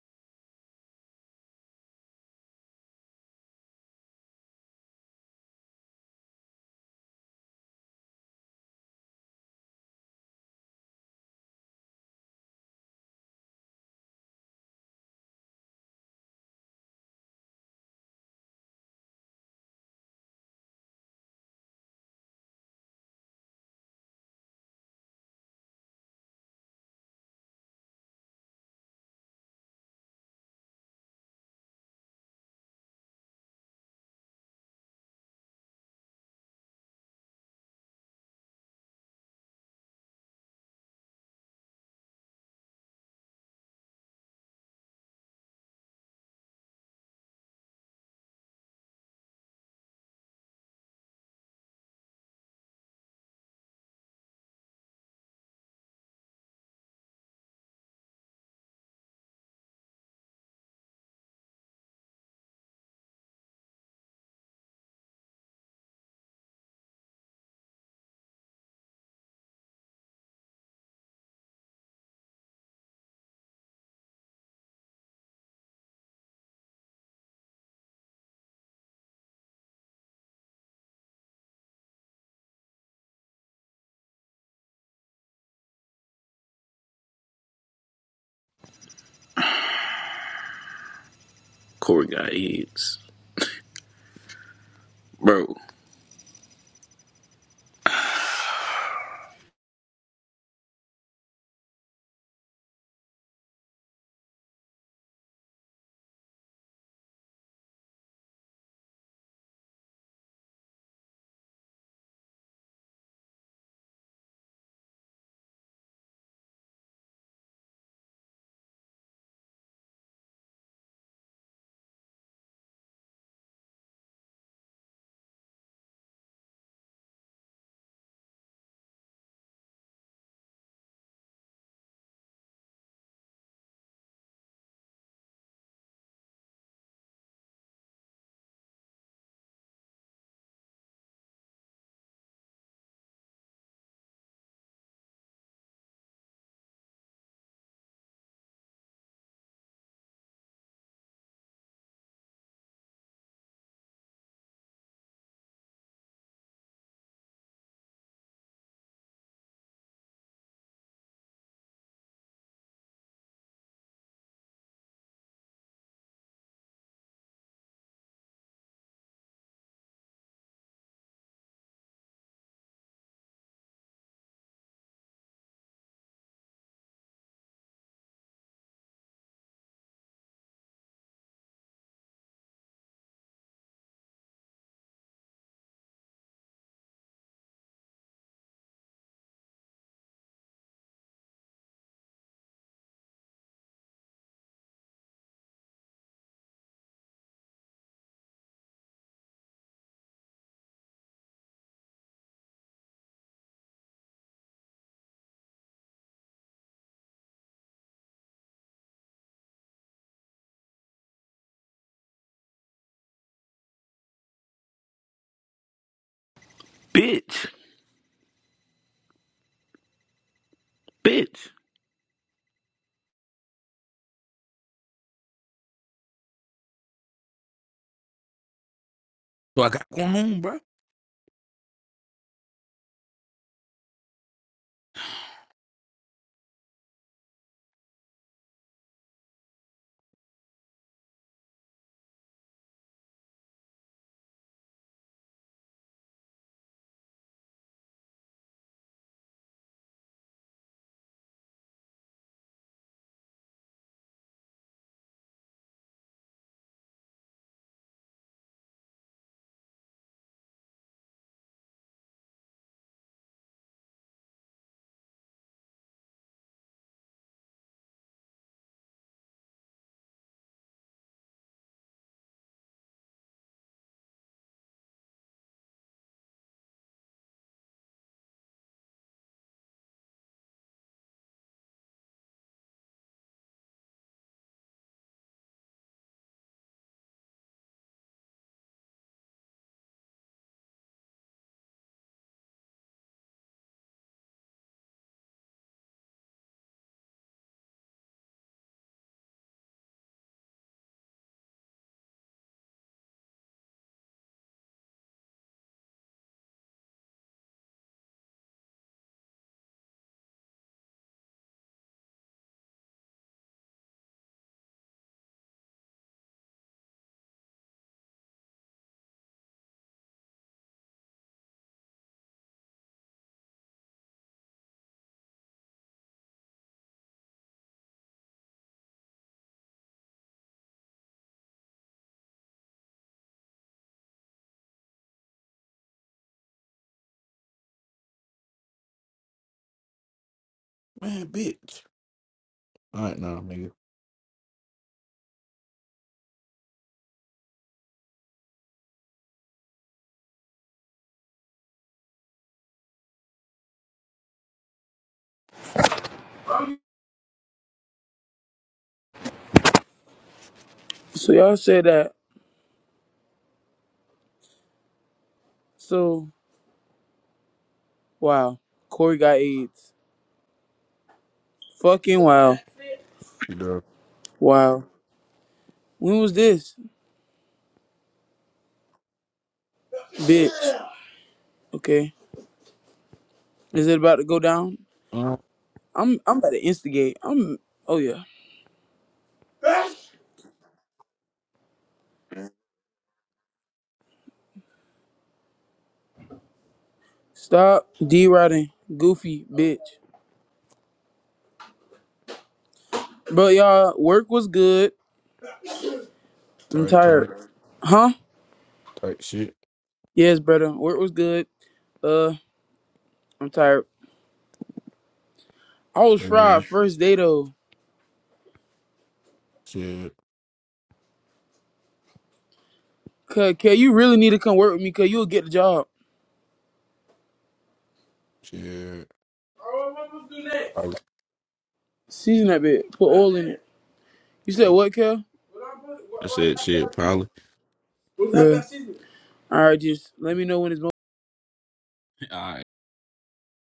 Corey got eggs. Bro. Bitch. Bitch. So I got to go home, bro. Man, bitch. All right, now, nigga. So y'all say that. So wow, Corey got AIDS. Fucking wow, You done. wow. When was this, bitch? Okay, is it about to go down? Uh, I'm I'm about to instigate. I'm oh yeah. Stop d riding, goofy bitch. But y'all work was good. I'm tight, tight, tired. Huh? tight shit. Yes, brother. Work was good. Uh, I'm tired. I was Hell yeah. fried first day though. Shit, Cause, Kel, you really need to come work with me, cause you'll get the job. shit. Probably. Season that bit. Put oil in it. You said what, Kel? I said shit, Polly. Yeah. All right, just let me know when it's. All right.